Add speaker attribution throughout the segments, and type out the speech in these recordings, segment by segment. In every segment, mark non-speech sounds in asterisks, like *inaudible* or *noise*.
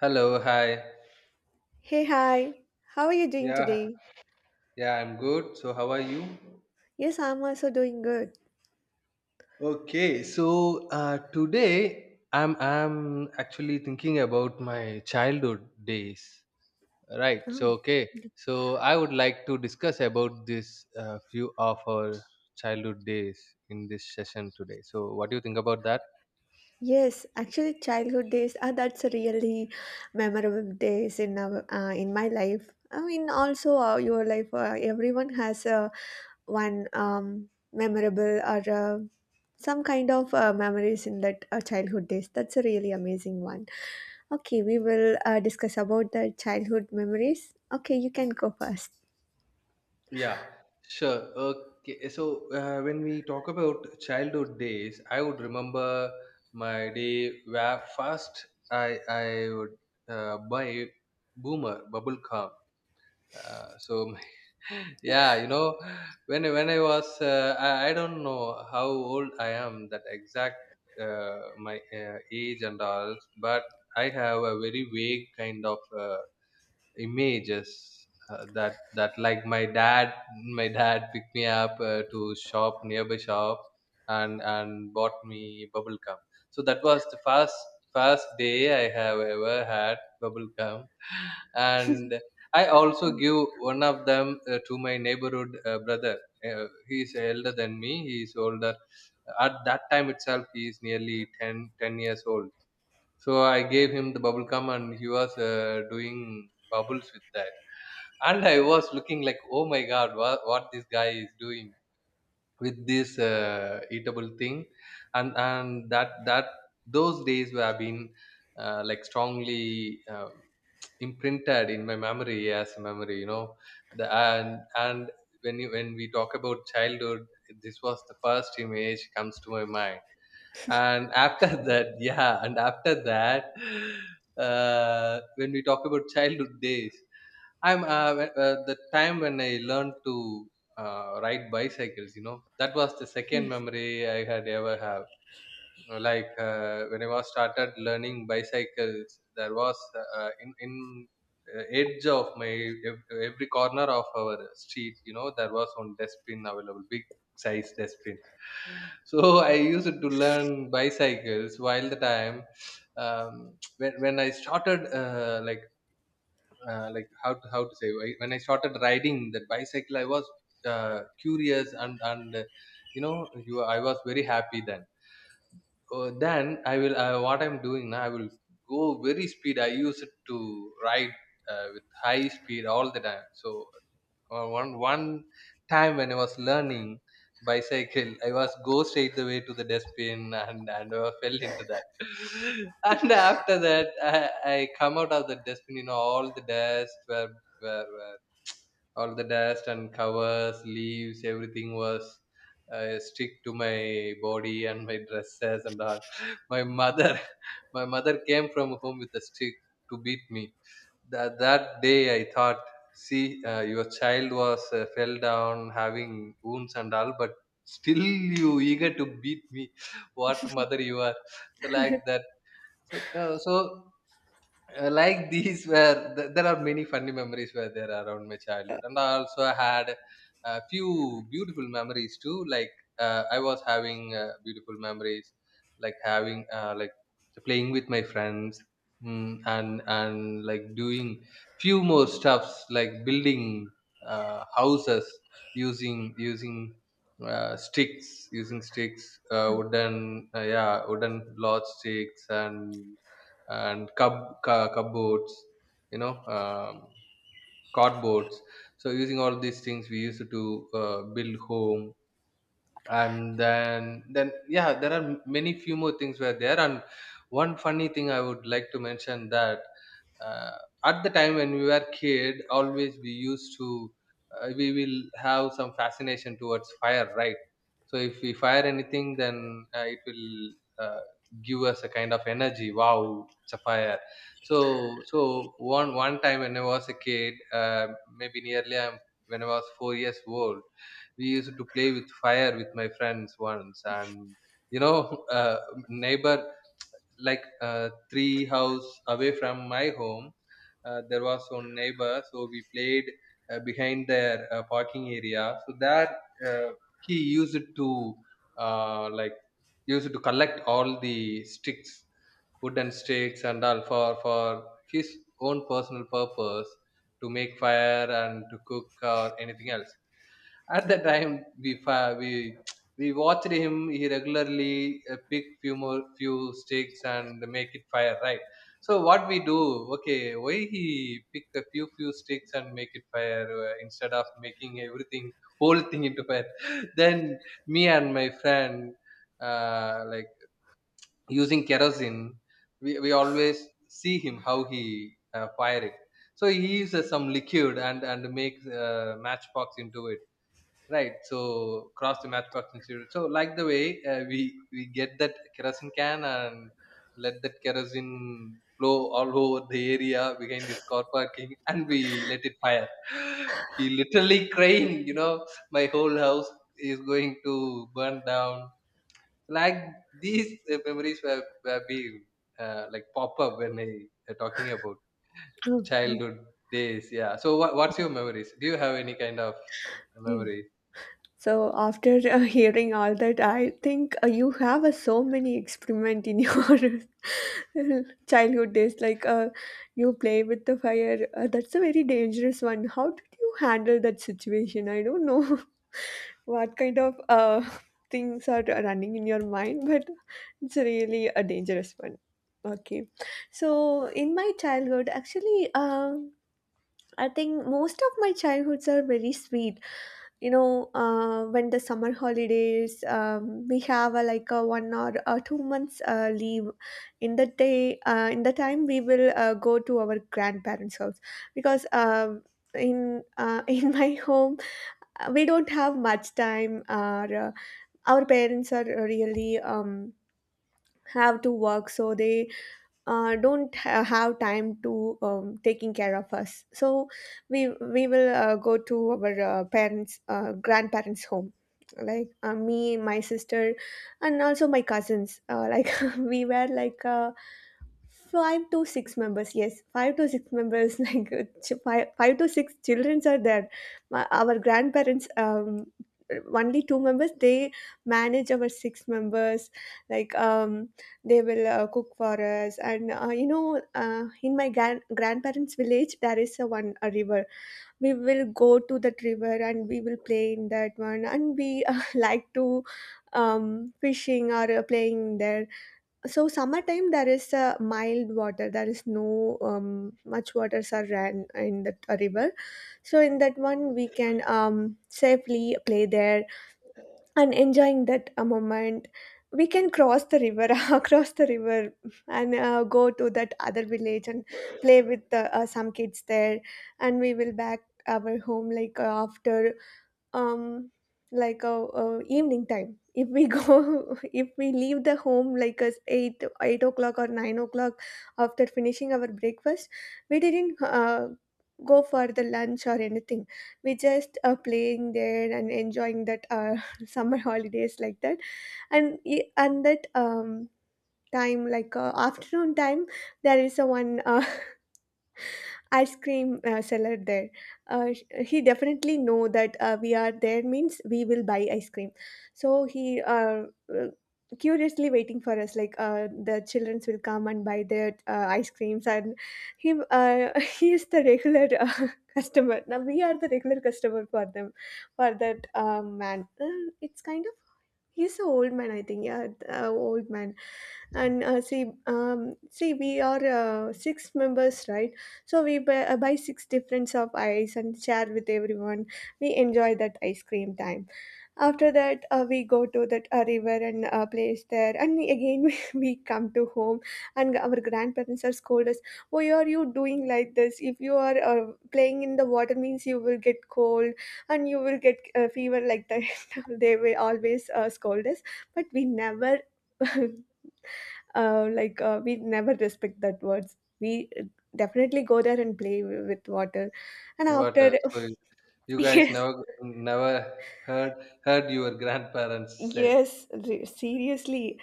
Speaker 1: Hello, hi.
Speaker 2: Hey, hi. How are you doing
Speaker 1: Yeah,
Speaker 2: today?
Speaker 1: yeah, I'm good. So how are you?
Speaker 2: Yes, I'm also doing good.
Speaker 1: Okay, so today I'm actually thinking about my childhood days. Right.
Speaker 2: Oh.
Speaker 1: So okay. So I would like to discuss about this few of our childhood days in this session today. So what do you think about that?
Speaker 2: Yes, actually, childhood days are that's a really memorable days in our in my life. I mean, also your life. Everyone has one memorable or some kind of memories in that childhood days. That's a really amazing one. Okay, we will discuss about the childhood memories. Okay, you can go first.
Speaker 1: Yeah, sure. Okay. So when we talk about childhood days, I would remember my day where first I would buy Boomer bubble gum. So *laughs* yeah, you know when I was I don't know how old I am that exact my age and all, but I have a very vague kind of. Images that like my dad picked me up to shop nearby shop and bought me bubble gum, so that was the first day I have ever had bubble gum. And I also give one of them to my neighborhood brother. He is elder than me He is older. At that time itself he is nearly 10 10 years old, so I gave him the bubble gum and he was doing bubbles with that. And I was looking like, oh my god, what this guy is doing with this eatable thing, and that that those days have been like strongly imprinted in my memory as a memory, you know. The, and when we talk about childhood, this was the first image comes to my mind. And after *laughs* that, yeah, and after that, when we talk about childhood days, the time when I learned to ride bicycles, you know, that was the second
Speaker 2: Yes.
Speaker 1: memory I had ever have. When I was started learning bicycles, there was in edge of my every corner of our street, you know, there was one dustbin available, big size dustbin. So I used to learn bicycles while the time when I started how to say when I started riding that bicycle I was curious, and you know, you I was very happy. Then then I will. What I'm doing now, I will go very speed. I use it to ride with high speed all the time. So one time when I was learning bicycle, I was go straight the way to the dustbin and I fell into that. *laughs* And after that, I come out of the dustbin. You know, all the dust were all the dust and covers, leaves, everything was stick to my body and my dresses and all. *laughs* my mother *laughs* my mother came from home with a stick to beat me. That day I thought, see, your child was fell down having wounds and all, but still you eager to beat me. *laughs* What mother you are. So like that. so uh, so like these were there are many funny memories were there around my childhood, and I also had a few beautiful memories too, like I was having beautiful memories like having like playing with my friends, and like doing few more stuffs like building houses using using sticks using sticks, wooden, yeah, wooden lodge sticks, and and cupboards, you know, cardboards. So using all these things we used to build home. And then yeah, there are many few more things were there. And one funny thing I would like to mention that, uh, at the time when we were kid, always we used to we will have some fascination towards fire, right? So if we fire anything, then it will uh, give us a kind of energy. Wow, it's a fire. So one time when I was a kid, maybe nearly I'm, when I was 4 years old, we used to play with fire with my friends once, and you know, *laughs* uh, neighbor, like three house away from my home, there was one neighbor. So we played behind their parking area, so that uh, he used to uh, like used to collect all the sticks, wooden sticks and all, for his own personal purpose, to make fire and to cook or anything else. At the time we watched him. He regularly pick few sticks and make it fire, right? So what we do? Okay, why he pick a few sticks and make it fire instead of making everything whole thing into fire. *laughs* Then me and my friend, uh, like using kerosene, we always see him how he fire it. So he uses some liquid and makes matchbox into it. Right. So cross the matchbox and zero. So like the way we get that kerosene can and let that kerosene flow all over the area behind his car parking, *laughs* and we let it fire. *gasps* *laughs* He literally crying. You know, my whole house is going to burn down. Like these memories were be like pop up when I talking about
Speaker 2: Okay.
Speaker 1: childhood days. Yeah. So what's your memories? Do you have any kind of
Speaker 2: Yes.
Speaker 1: memory?
Speaker 2: So after *laughs* hearing all that, I think you have so many experiment in your *laughs* childhood days. Like you play with the fire. That's a very dangerous one. How did you handle that situation? I don't know *laughs* what kind of things are running in your mind, *laughs* but it's really a dangerous one. Okay, so in my childhood, actually, I think most of my childhoods are very sweet, you know. When the summer holidays, we have a, like a one or 2 months leave in the day in the time we will go to our grandparents house, because in *laughs* in my home, we don't have much time. Our our parents are really have to work, so they don't ha- have time to taking care of us. So we will go to our parents grandparents home, like me, my sister, and also my cousins, like *laughs* we were like five to six members. Yes, five to six members, *laughs* like five, five to six childrens are there. Our grandparents, only two members, they manage our six members. Like, they will cook for us, and, you know, in my grandparents' village, there is a one a river. We will go to that river and we will play in that one, and we *laughs* like to fishing or playing there. So summertime there is mild water. There is no much waters are ran in the river, so in that one we can safely play there and enjoying that a moment. We can cross the river, *laughs* across the river, and go to that other village and play with some kids there, and we will back our home like after um like a evening time. If we go *laughs* if we leave the home like us 8 8 o'clock or 9 o'clock, after finishing our breakfast, we didn't go for the lunch or anything. We just playing there and enjoying that *laughs* summer holidays like that. And that time, like afternoon time, there is a one ice cream seller there. He definitely know that we are there means we will buy ice cream. So he uh, curiously waiting for us, like the childrens will come and buy their ice creams. And he *laughs* he is the regular *laughs* customer. Now we are the regular customer for them, for that man. It's kind of, he's an old man, I think. Yeah, old man. And see, see we are six members, right? So we buy, buy six different of ice and share with everyone. We enjoy that ice cream time. After that we go to that river and place there, and again *laughs* we come to home, and our grandparents are scold us, why are you doing like this? If you are playing in the water means you will get cold and you will get fever, like that. They will always scold us, but we never *laughs* we never respect that words. We definitely go there and play with water and
Speaker 1: What
Speaker 2: after
Speaker 1: else?
Speaker 2: *laughs*
Speaker 1: You guys
Speaker 2: yes.
Speaker 1: never heard heard your grandparents said.
Speaker 2: Yes, seriously,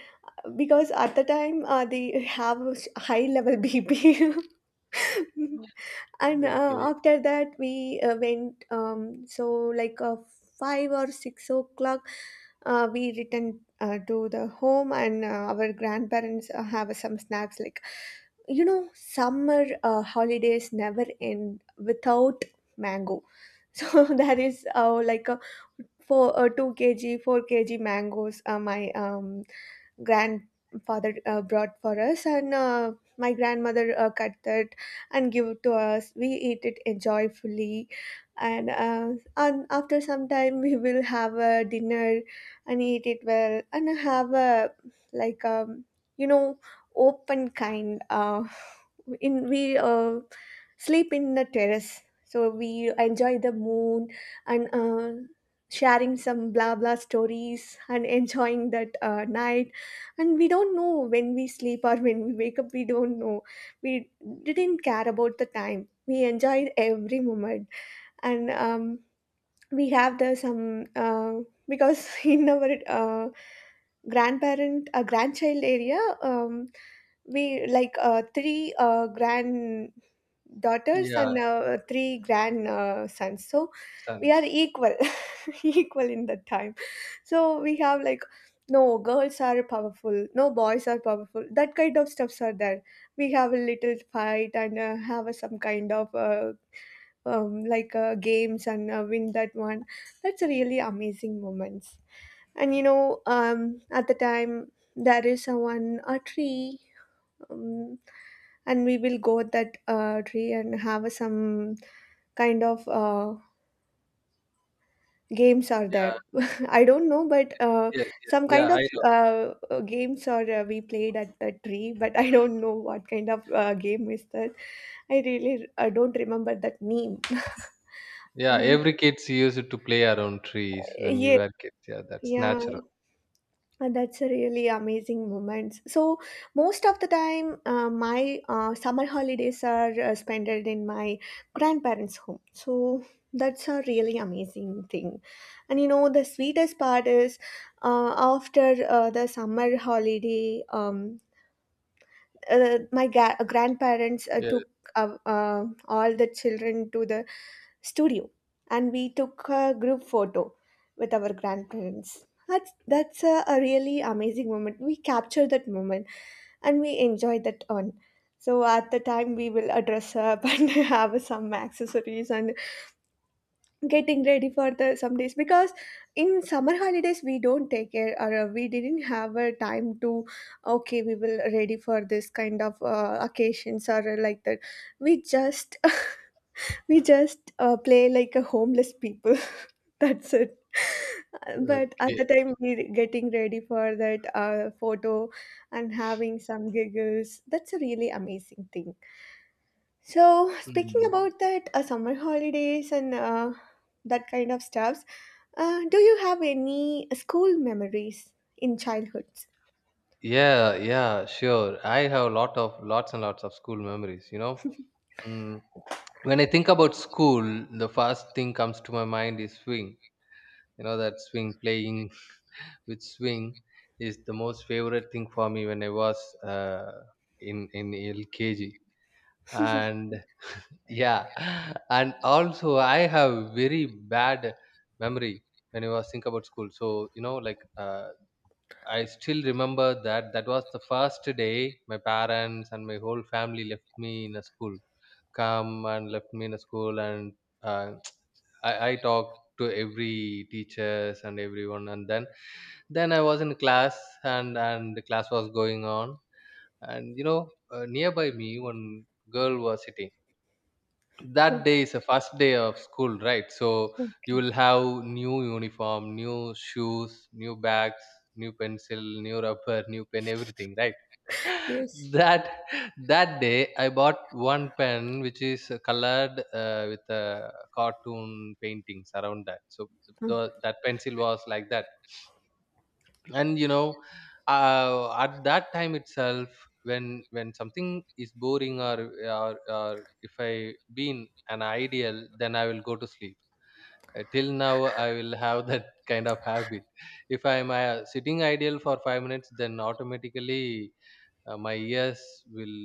Speaker 2: because at the time they have a high level BP. *laughs* And
Speaker 1: Okay.
Speaker 2: after that we went, so like 5 or 6 o'clock, we returned to the home, and our grandparents have some snacks. Like, you know, summer holidays never end without mango. *laughs* So that is like a four 2 kg 4 kg mangoes my um, grandfather brought for us, and my grandmother cut that and give it to us. We eat it enjoyfully. And and after some time we will have a dinner and eat it well, and have a like you know, open kind in we sleep in the terrace, so we enjoy the moon and sharing some blah blah stories and enjoying that night. And we don't know when we sleep or when we wake up, we don't know. We didn't care about the time. We enjoyed every moment. And we have the some because *laughs* in our grandparent grandchild area, we like three grand daughters and
Speaker 1: Yeah,
Speaker 2: three grand sons, so we are
Speaker 1: sons.
Speaker 2: equal. *laughs* *laughs* Equal in that time. So we have like, no girls are powerful, no boys are powerful, that kind of stuffs are there. We have a little fight and have a, some kind of games and win that one. That's a really amazing moments. And you know, at the time there is a one a tree, um, and we will go at that tree and have a some kind of games are there.
Speaker 1: Yeah,
Speaker 2: I don't know, but
Speaker 1: yes, yes.
Speaker 2: some kind
Speaker 1: Yeah, I
Speaker 2: of
Speaker 1: know.
Speaker 2: games or we played at the tree, but I don't know what kind of game is that. I really don't remember that name. *laughs*
Speaker 1: Yeah,
Speaker 2: And,
Speaker 1: every kids used to play around trees when we
Speaker 2: yeah,
Speaker 1: were kids. Yeah, that's
Speaker 2: yeah.
Speaker 1: natural.
Speaker 2: That's a really amazing moment. So most of the time, my summer holidays are spent in my grandparents' home. So that's a really amazing thing. And you know, the sweetest part is after the summer holiday. Grandparents
Speaker 1: Yeah.
Speaker 2: took all the children to the studio, and we took a group photo with our grandparents. That's a really amazing moment. We capture that moment and we enjoy that on. So at the time we will dress up *laughs* and have some accessories and getting ready for the some days, because in summer holidays we don't take care, or we didn't have a time to, okay we will ready for this kind of occasions or like that. We just *laughs* we just play like a homeless people. *laughs* That's it. But at
Speaker 1: Okay.
Speaker 2: the time we getting ready for that photo and having some giggles, that's a really amazing thing. So, speaking
Speaker 1: Mm.
Speaker 2: about that summer holidays and that kind of stuffs, do you have any school memories in childhoods?
Speaker 1: Yeah, yeah, sure. I have a lot of lots and lots of school memories, you know. Mm. When I think about school, the first thing comes to my mind is swing. You know that swing, playing with swing is the most favorite thing for me when I was in LKG. And yeah, *laughs* and also I have very bad memory when I was think about school. So you know, like I still remember that that was the first day my parents and my whole family left me in a school, come and left me in a school, and uh, *tsk* I talked to every teachers and everyone, and then I was in class, and the class was going on. And you know, nearby me one girl was sitting. That
Speaker 2: Okay,
Speaker 1: day is the first day of school, right? So you
Speaker 2: okay,
Speaker 1: will have new uniform, new shoes, new bags, new pencil, new rubber, new pen, everything, right?
Speaker 2: yes,
Speaker 1: that *laughs* that day I bought one pen which is colored with cartoon paintings around that. So
Speaker 2: uh,
Speaker 1: that pencil was like that. And you know, at that time itself, when something is boring, or if I been an ideal, then I will go to sleep. Till now I will have that *laughs* kind of habit. If I am sitting ideal for 5 minutes, then automatically my ears will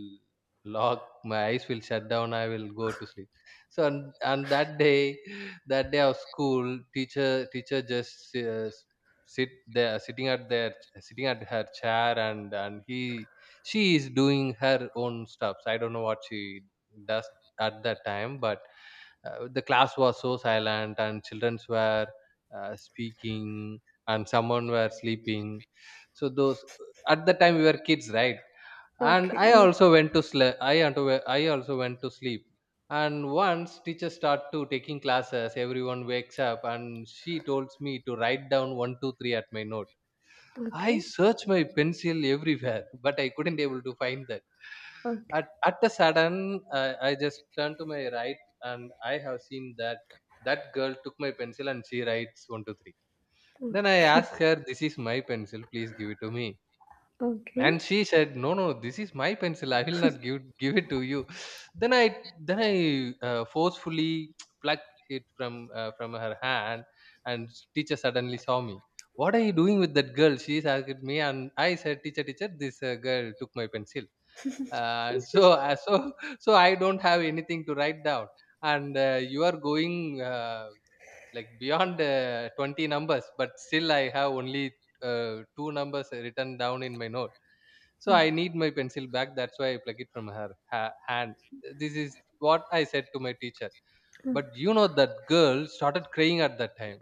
Speaker 1: lock, my eyes will shut down, I will go to sleep. So on that day, *laughs* that day of school, teacher just sit there sitting at their sitting at her chair, and he she is doing her own stuff. I don't know what she does at that time. But the class was so silent, and children were speaking, and someone were sleeping. So those at the time we were kids, right? And
Speaker 2: okay,
Speaker 1: I
Speaker 2: yes.
Speaker 1: also went to sleep, I also went to sleep. And once teachers start to taking classes, everyone wakes up, and she told me to write down 1, 2, 3 at my note. I
Speaker 2: Okay,
Speaker 1: searched my pencil everywhere, *laughs* but I couldn't able to find that.
Speaker 2: okay,
Speaker 1: At a sudden, I just turned to my right, and I have seen that that girl took my pencil and she writes 1, 2, 3. Then I
Speaker 2: okay,
Speaker 1: asked her, "This is my pencil. Please give it to me." And
Speaker 2: okay,
Speaker 1: she said, no, this is my pencil, I will not give it to you. *sighs* then I forcefully *tsk* plucked it from her hand, and teacher suddenly saw me. What are you doing with that girl, she asked me, and I said, teacher, teacher, this girl took my pencil. And *laughs* *laughs* I don't have anything to write down, and you are going, uh, like, beyond 20 numbers, but still I have only two numbers written down in my note. So I need my pencil back, that's why I pluck it from her hand. This is what I said to my teacher. But you know, that girl started crying at that time,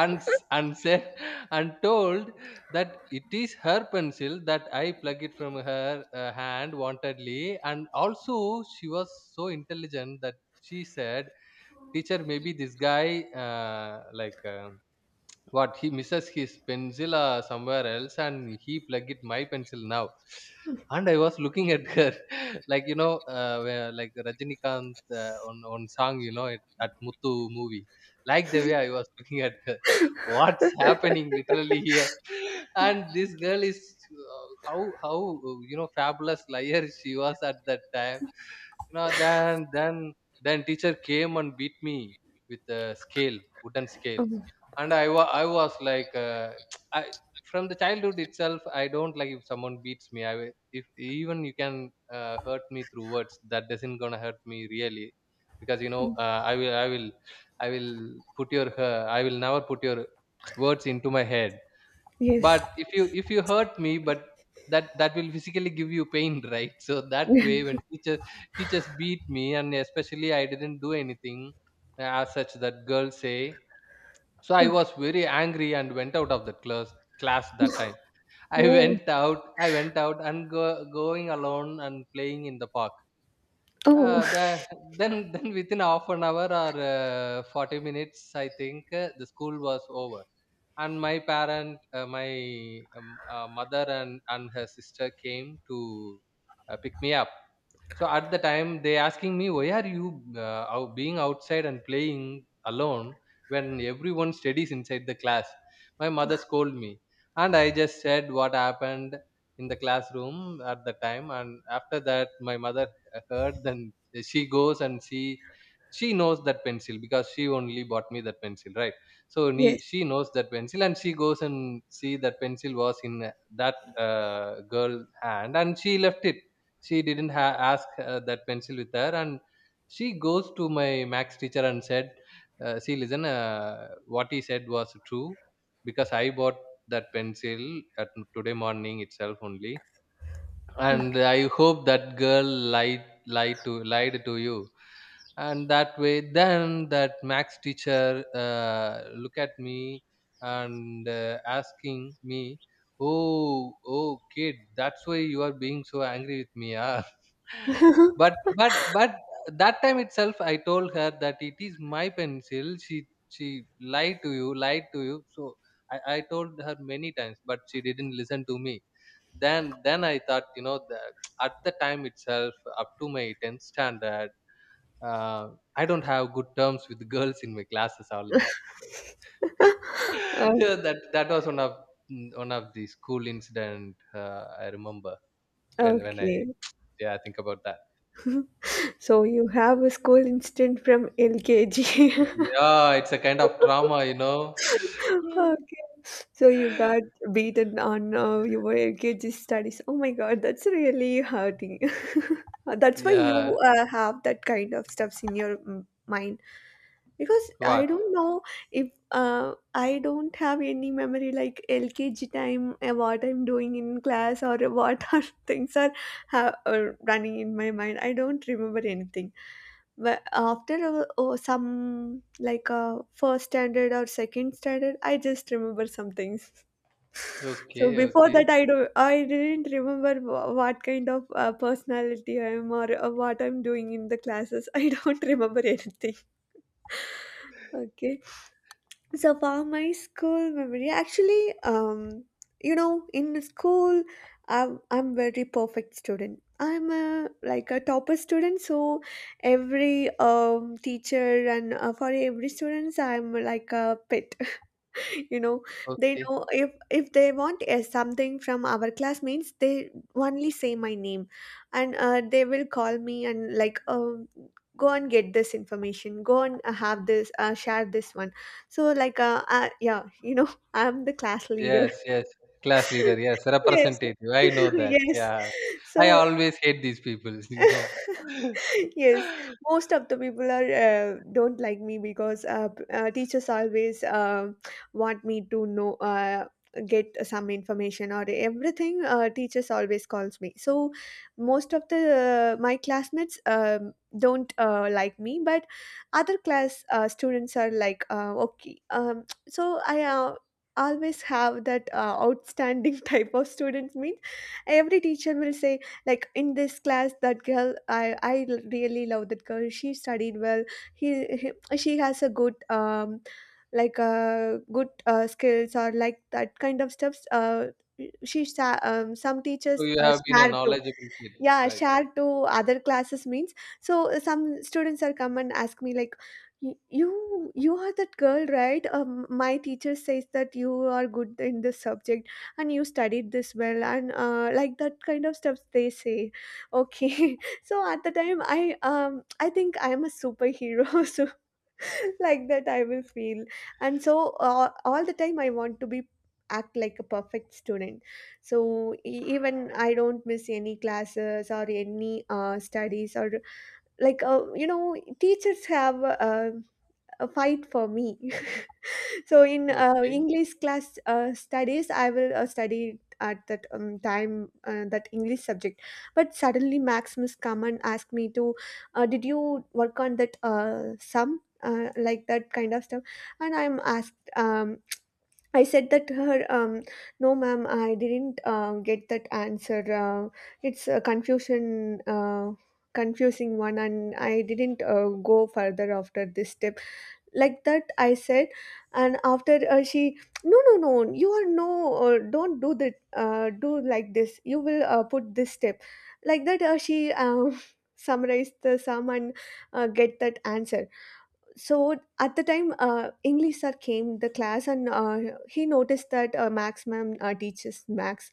Speaker 1: and said *laughs* and told that it is her pencil, that I pluck it from her hand wantedly. And also, she was so intelligent that she said, teacher, maybe this guy, like what he misses his pencil somewhere else, and he plug it my pencil now. And I was looking at her *laughs* like, you know, like Rajinikanth on song, you know it, at Muthu movie, like the way I was *laughs* looking at her. *laughs* What's happening literally here? *laughs* And this girl is, uh, how how you know, fabulous liar *laughs* she was at that time. You know, then teacher came and beat me with a scale, wooden scale.
Speaker 2: um,
Speaker 1: And I was like, *tsk* i, from the childhood itself, I don't like if someone beats me. I will, if, even you can hurt me through words, that doesn't gonna hurt me really. Because, you know, I will put your, I will never put your *tsk* words into my head.
Speaker 2: yes,
Speaker 1: But if you, if you hurt me, but that, that will physically give you pain, *laughs* right? So that way, when teachers beat me, and especially I didn't do anything as such that girls say, so I
Speaker 2: okay.
Speaker 1: was very angry and went out of the class, class that time. I *laughs*
Speaker 2: Oh,
Speaker 1: went out, I went out and go, going alone and playing in the park. uh,
Speaker 2: oh,
Speaker 1: the, *laughs* then within half an hour or 40 minutes, I think, the school was over, and my parent, my mother and her sister came to pick me up. So at the time, they asking me, why are you being outside and playing alone when everyone studies inside the class? My mother scolded me, and I just said what happened in the classroom at the time. And after that, my mother heard. Then she goes, and she knows that pencil, because she only bought me that pencil, right? So
Speaker 2: *laughs* yes,
Speaker 1: she knows that pencil, and she goes and see that pencil was in that girl hand, and she left it. She didn't ask that pencil with her, and she goes to my max teacher and said, see, listen, what he said was true, because I bought that pencil at today morning itself only, and
Speaker 2: okay,
Speaker 1: I hope that girl lied, lied to you. And that way, then that max teacher look at me and asking me, oh, kid, that's why you are being so angry with me, ah? But but but that time itself I told her that it is my pencil. She lied to you, so I told her many times, but she didn't listen to me. Then I thought, you know, at the time itself, up to my 10th standard, uh, I don't have good terms with girls in my classes all the time. *laughs*
Speaker 2: um,
Speaker 1: Yeah, that was one of the school incident I remember, when I
Speaker 2: okay.
Speaker 1: yeah, I think about that.
Speaker 2: So you have a school incident from LKG. *laughs*
Speaker 1: Yeah, it's a kind of trauma, you know.
Speaker 2: Okay. So you got
Speaker 1: *laughs*
Speaker 2: beaten on your LKG studies. Oh my God, that's really hurting. *laughs* That's why
Speaker 1: Yeah,
Speaker 2: you have that kind of stuffs in your mind. Because
Speaker 1: what?
Speaker 2: I don't know if I don't have any memory like LKG time, what I'm doing in class, or what *laughs* are things are running in my mind. I don't remember anything. But oh, some, like, first standard or second standard, I just remember some things. *laughs* So
Speaker 1: Okay,
Speaker 2: before
Speaker 1: okay,
Speaker 2: that, I didn't remember what kind of personality I am, or what I'm doing in the classes. *laughs* I don't remember anything. Okay. So for my school memory, actually, you know, in school, I'm very perfect student. I'm a, like a topper student, so every teacher and for every students, I'm like a pet. *laughs* You know, they
Speaker 1: okay.
Speaker 2: know, if they want something from our classmates, they only say my name, and they will call me and like, go and get this information, go and have this share this one. So like yeah, you know, *laughs* I'm the class leader.
Speaker 1: Yes. Class leader,
Speaker 2: *laughs*
Speaker 1: yes.
Speaker 2: Yes.
Speaker 1: Representative. I
Speaker 2: *laughs*
Speaker 1: know that.
Speaker 2: Yes.
Speaker 1: Yeah. I
Speaker 2: So
Speaker 1: always hate these people, *laughs* you know.
Speaker 2: *laughs*
Speaker 1: *laughs*
Speaker 2: yes, most of the people are don't like me, because teachers always want me to know get some information or everything. Teachers always calls me. So most of the my classmates don't like me, but other class students are like, okay. So I. Always have that outstanding *laughs* type of students mean every teacher will say like in this class that girl, I really love that girl, she studied well. He, he she has a good like good skills or like that kind of stuff. She sa- some
Speaker 1: So
Speaker 2: teachers
Speaker 1: you have been a
Speaker 2: swear to,
Speaker 1: knowledgeable kid,
Speaker 2: yeah,
Speaker 1: right?
Speaker 2: shared to other classes means. So some students are come and ask me like, "You are that girl, right? My teacher says that you are good in this subject and you studied this well and like that kind of stuff," they say. Okay. *laughs* So at the time I think I am a superhero. *laughs* So *laughs* like that I will feel. And so all the time I want to be, act like a perfect student. So even I don't miss any classes or any studies or like, you know, teachers have a fight for me. So in
Speaker 1: Okay.
Speaker 2: English class studies, I will study at that time that English subject. But suddenly, Max Miss come and ask me to, "Did you work on that sum?" Like that kind of stuff. And I'm asked, I said that to her, "No ma'am, I didn't get that answer. It's a confusion confusing one, and I didn't go further after this step." Like that I said. And after she, "No, no, no, you are no, don't do that. Do like this, you will put this step." Like that she, *laughs* summarized the sum and get that answer. So at the time English sir came the class, and he noticed that Max ma'am teaches Max.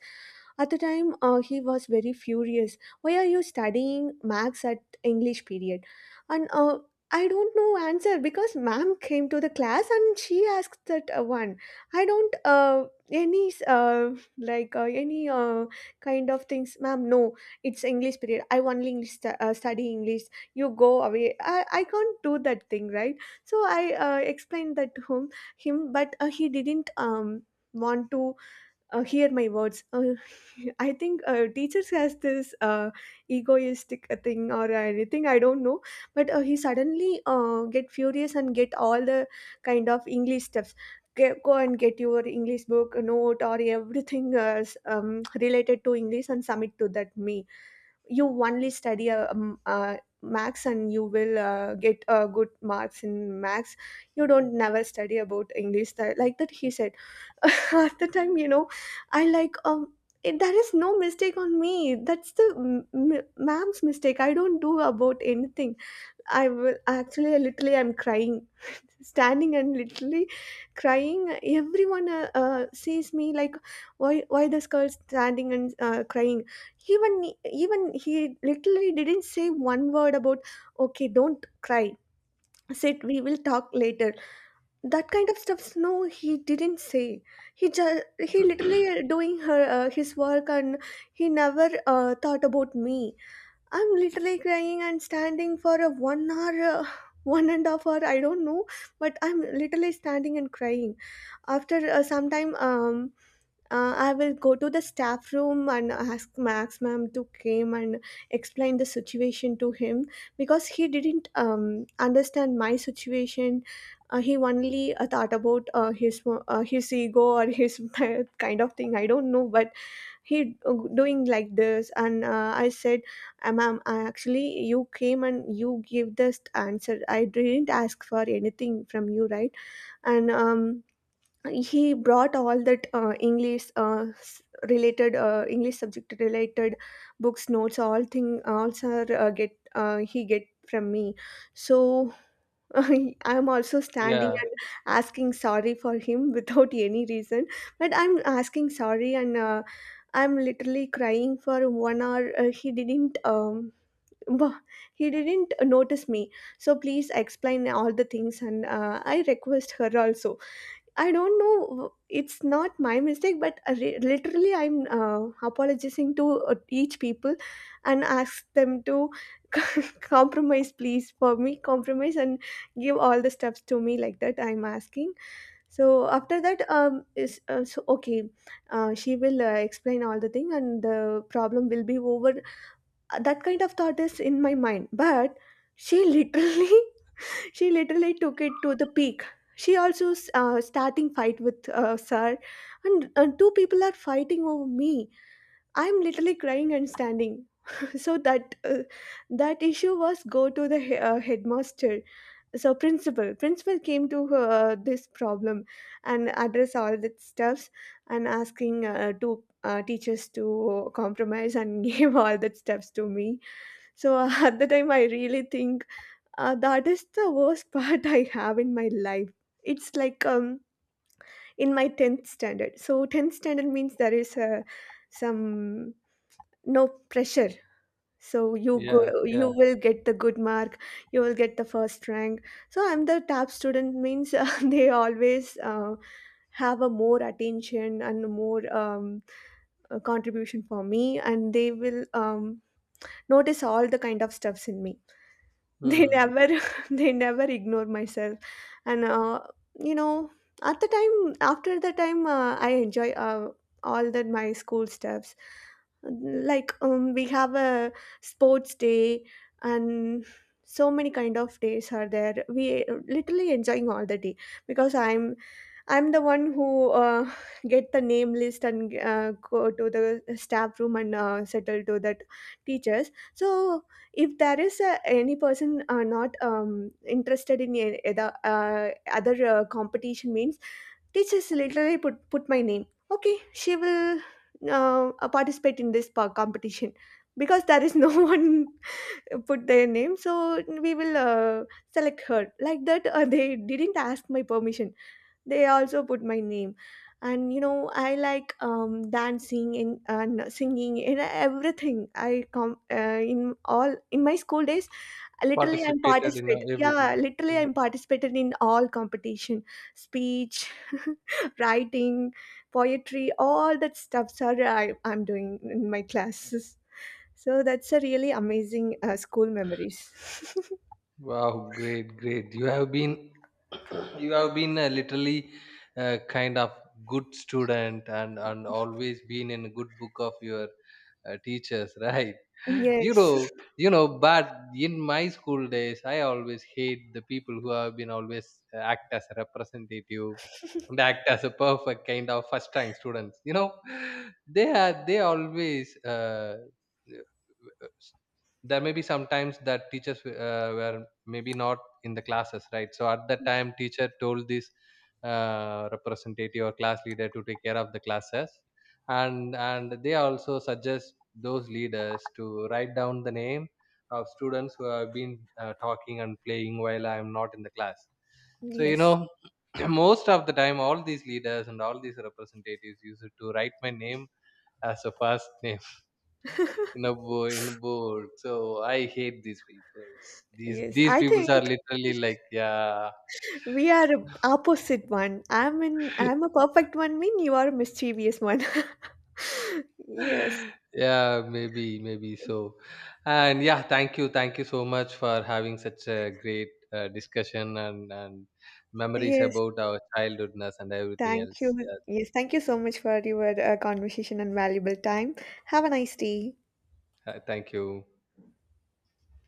Speaker 2: At the time he was very furious, "Why are you studying Max at English period?" And I don't know answer because ma'am came to the class and she asked that one. "I don't any like any kind of things, ma'am, no. It's English period, I only study English. You go away, I can't do that thing, right?" So I explained that to him, but he didn't, want to hear my words. *laughs* I think teachers has this egoistic thing or anything, I don't know. But he suddenly get furious and get all the kind of English stuffs. Go and get your English book, note, or everything related to English and submit to that me. You only study Max, and you will get good marks in Max. You don't never study about English that," like that he said. *laughs* At the time, you know, I like it, there is no mistake on me, that's the ma'am's mistake, I don't do about anything. I will actually literally, I'm crying standing, and literally crying. Everyone sees me like, Why this girl standing and crying?" Even, he literally didn't say one word about, "Okay, don't cry, sit, we will talk later." That kind of stuff, no, he didn't say. He just, he literally doing her his work, and he never thought about me. I'm literally crying and standing for a 1 hour, *sighs* *laughs* 1.5 hours, I don't know, but I'm literally standing and crying. After some time, I will go to the staff room and ask Max ma'am to came and explain the situation to him, because he didn't understand my situation. He only thought about his ego or his *laughs* kind of thing. I don't know, but he doing like this, and I said, Ma'am, I actually, you came and you gave this answer, I didn't ask for anything from you, right? And he brought all that related English subject related books, notes, all thing, also get he get from me." So *laughs* I'm also standing
Speaker 1: Yeah,
Speaker 2: and asking sorry for him *laughs* without any reason. But I'm asking sorry, and I'm literally crying for 1 hour. He didn't. *laughs* Bo- he didn't notice me. So please explain all the things, and I request her also. I don't know, it's not my mistake, but literally, I'm apologizing to each people and ask them to *laughs* compromise, please, for me, compromise and give all the steps to me, like that I'm asking. So after that, is so okay. She will explain all the thing, and the problem will be over. That kind of thought is in my mind, but she *laughs* literally she literally took it to the peak. She also starting fight with sir, and two people are fighting over me. I'm literally crying and standing. *laughs* So that that issue was go to the headmaster. So principal came to this problem and address all the stuffs and asking two teachers to compromise and *laughs* gave all that stuffs to me. So *laughs* at the time, I really think that is the worst *laughs* part I have in my life. It's like in my 10th standard. So 10th standard means there is a, some no pressure. So you go, you
Speaker 1: yeah.
Speaker 2: will get the good mark. You will get the first rank. So I'm the top student means *laughs* they always have a more attention and more contribution for me, and they will notice all the kind of stuffs in me. They
Speaker 1: Hmm.
Speaker 2: never *laughs* they never ignore myself. And you know, at the time, after the time I enjoy all that my school stuffs, like we have a sports day, and so many kind of days are there, we literally enjoying all the day, because I'm the one who get the name list and go to the staff room and settle to that teachers. So if there is any person not interested in the other competition means, they just literally put my name, "Okay, she will participate in this competition, because there is no *laughs* one put their name, so we will select her," like that they didn't ask my permission, they also put my name. And you know, I like dancing and singing and everything, I come in all in my school days, literally I'm
Speaker 1: Participated in
Speaker 2: participate, yeah,
Speaker 1: everything.
Speaker 2: literally
Speaker 1: Hmm.
Speaker 2: I'm participated in all competition, speech, *laughs* writing, poetry, all that stuff, sorry, I'm doing in my classes. So that's a really amazing school memories.
Speaker 1: Great. You have been, *coughs* *clears throat* you have been literally uh, kind of good student, and always been in good book of your teachers, right?
Speaker 2: *laughs*
Speaker 1: *laughs* You
Speaker 2: Yes.
Speaker 1: know, you know. But in my school days, I always hate the people who have been always act as a representative and act as a perfect kind of first rank students. You know, *laughs* they are they always. Uh, there may be sometimes that teachers were maybe not in the classes, right? So at that time, teacher told this representative or class leader to take care of the classes, and they also suggest those leaders to write down the name of students who have been talking and playing while I am not in the class. So you
Speaker 2: Yes.
Speaker 1: know, *clears throat* most of the time, all these leaders and all these representatives used to write my name as a first name in a board. So I hate these people. These
Speaker 2: Yes,
Speaker 1: these
Speaker 2: I
Speaker 1: people are
Speaker 2: think
Speaker 1: literally like, yeah.
Speaker 2: we are a opposite one. I'm
Speaker 1: *laughs*
Speaker 2: a perfect one mean, you are a mischievous one. *laughs* Yes.
Speaker 1: Yeah, maybe so. And yeah, thank you, thank you so much for having such a great discussion and memories
Speaker 2: Yes.
Speaker 1: about our childhoodness and everything
Speaker 2: Thank
Speaker 1: else.
Speaker 2: you.
Speaker 1: Yeah.
Speaker 2: Yes, thank you so much for your conversation and valuable time. Have a nice day.
Speaker 1: Thank you.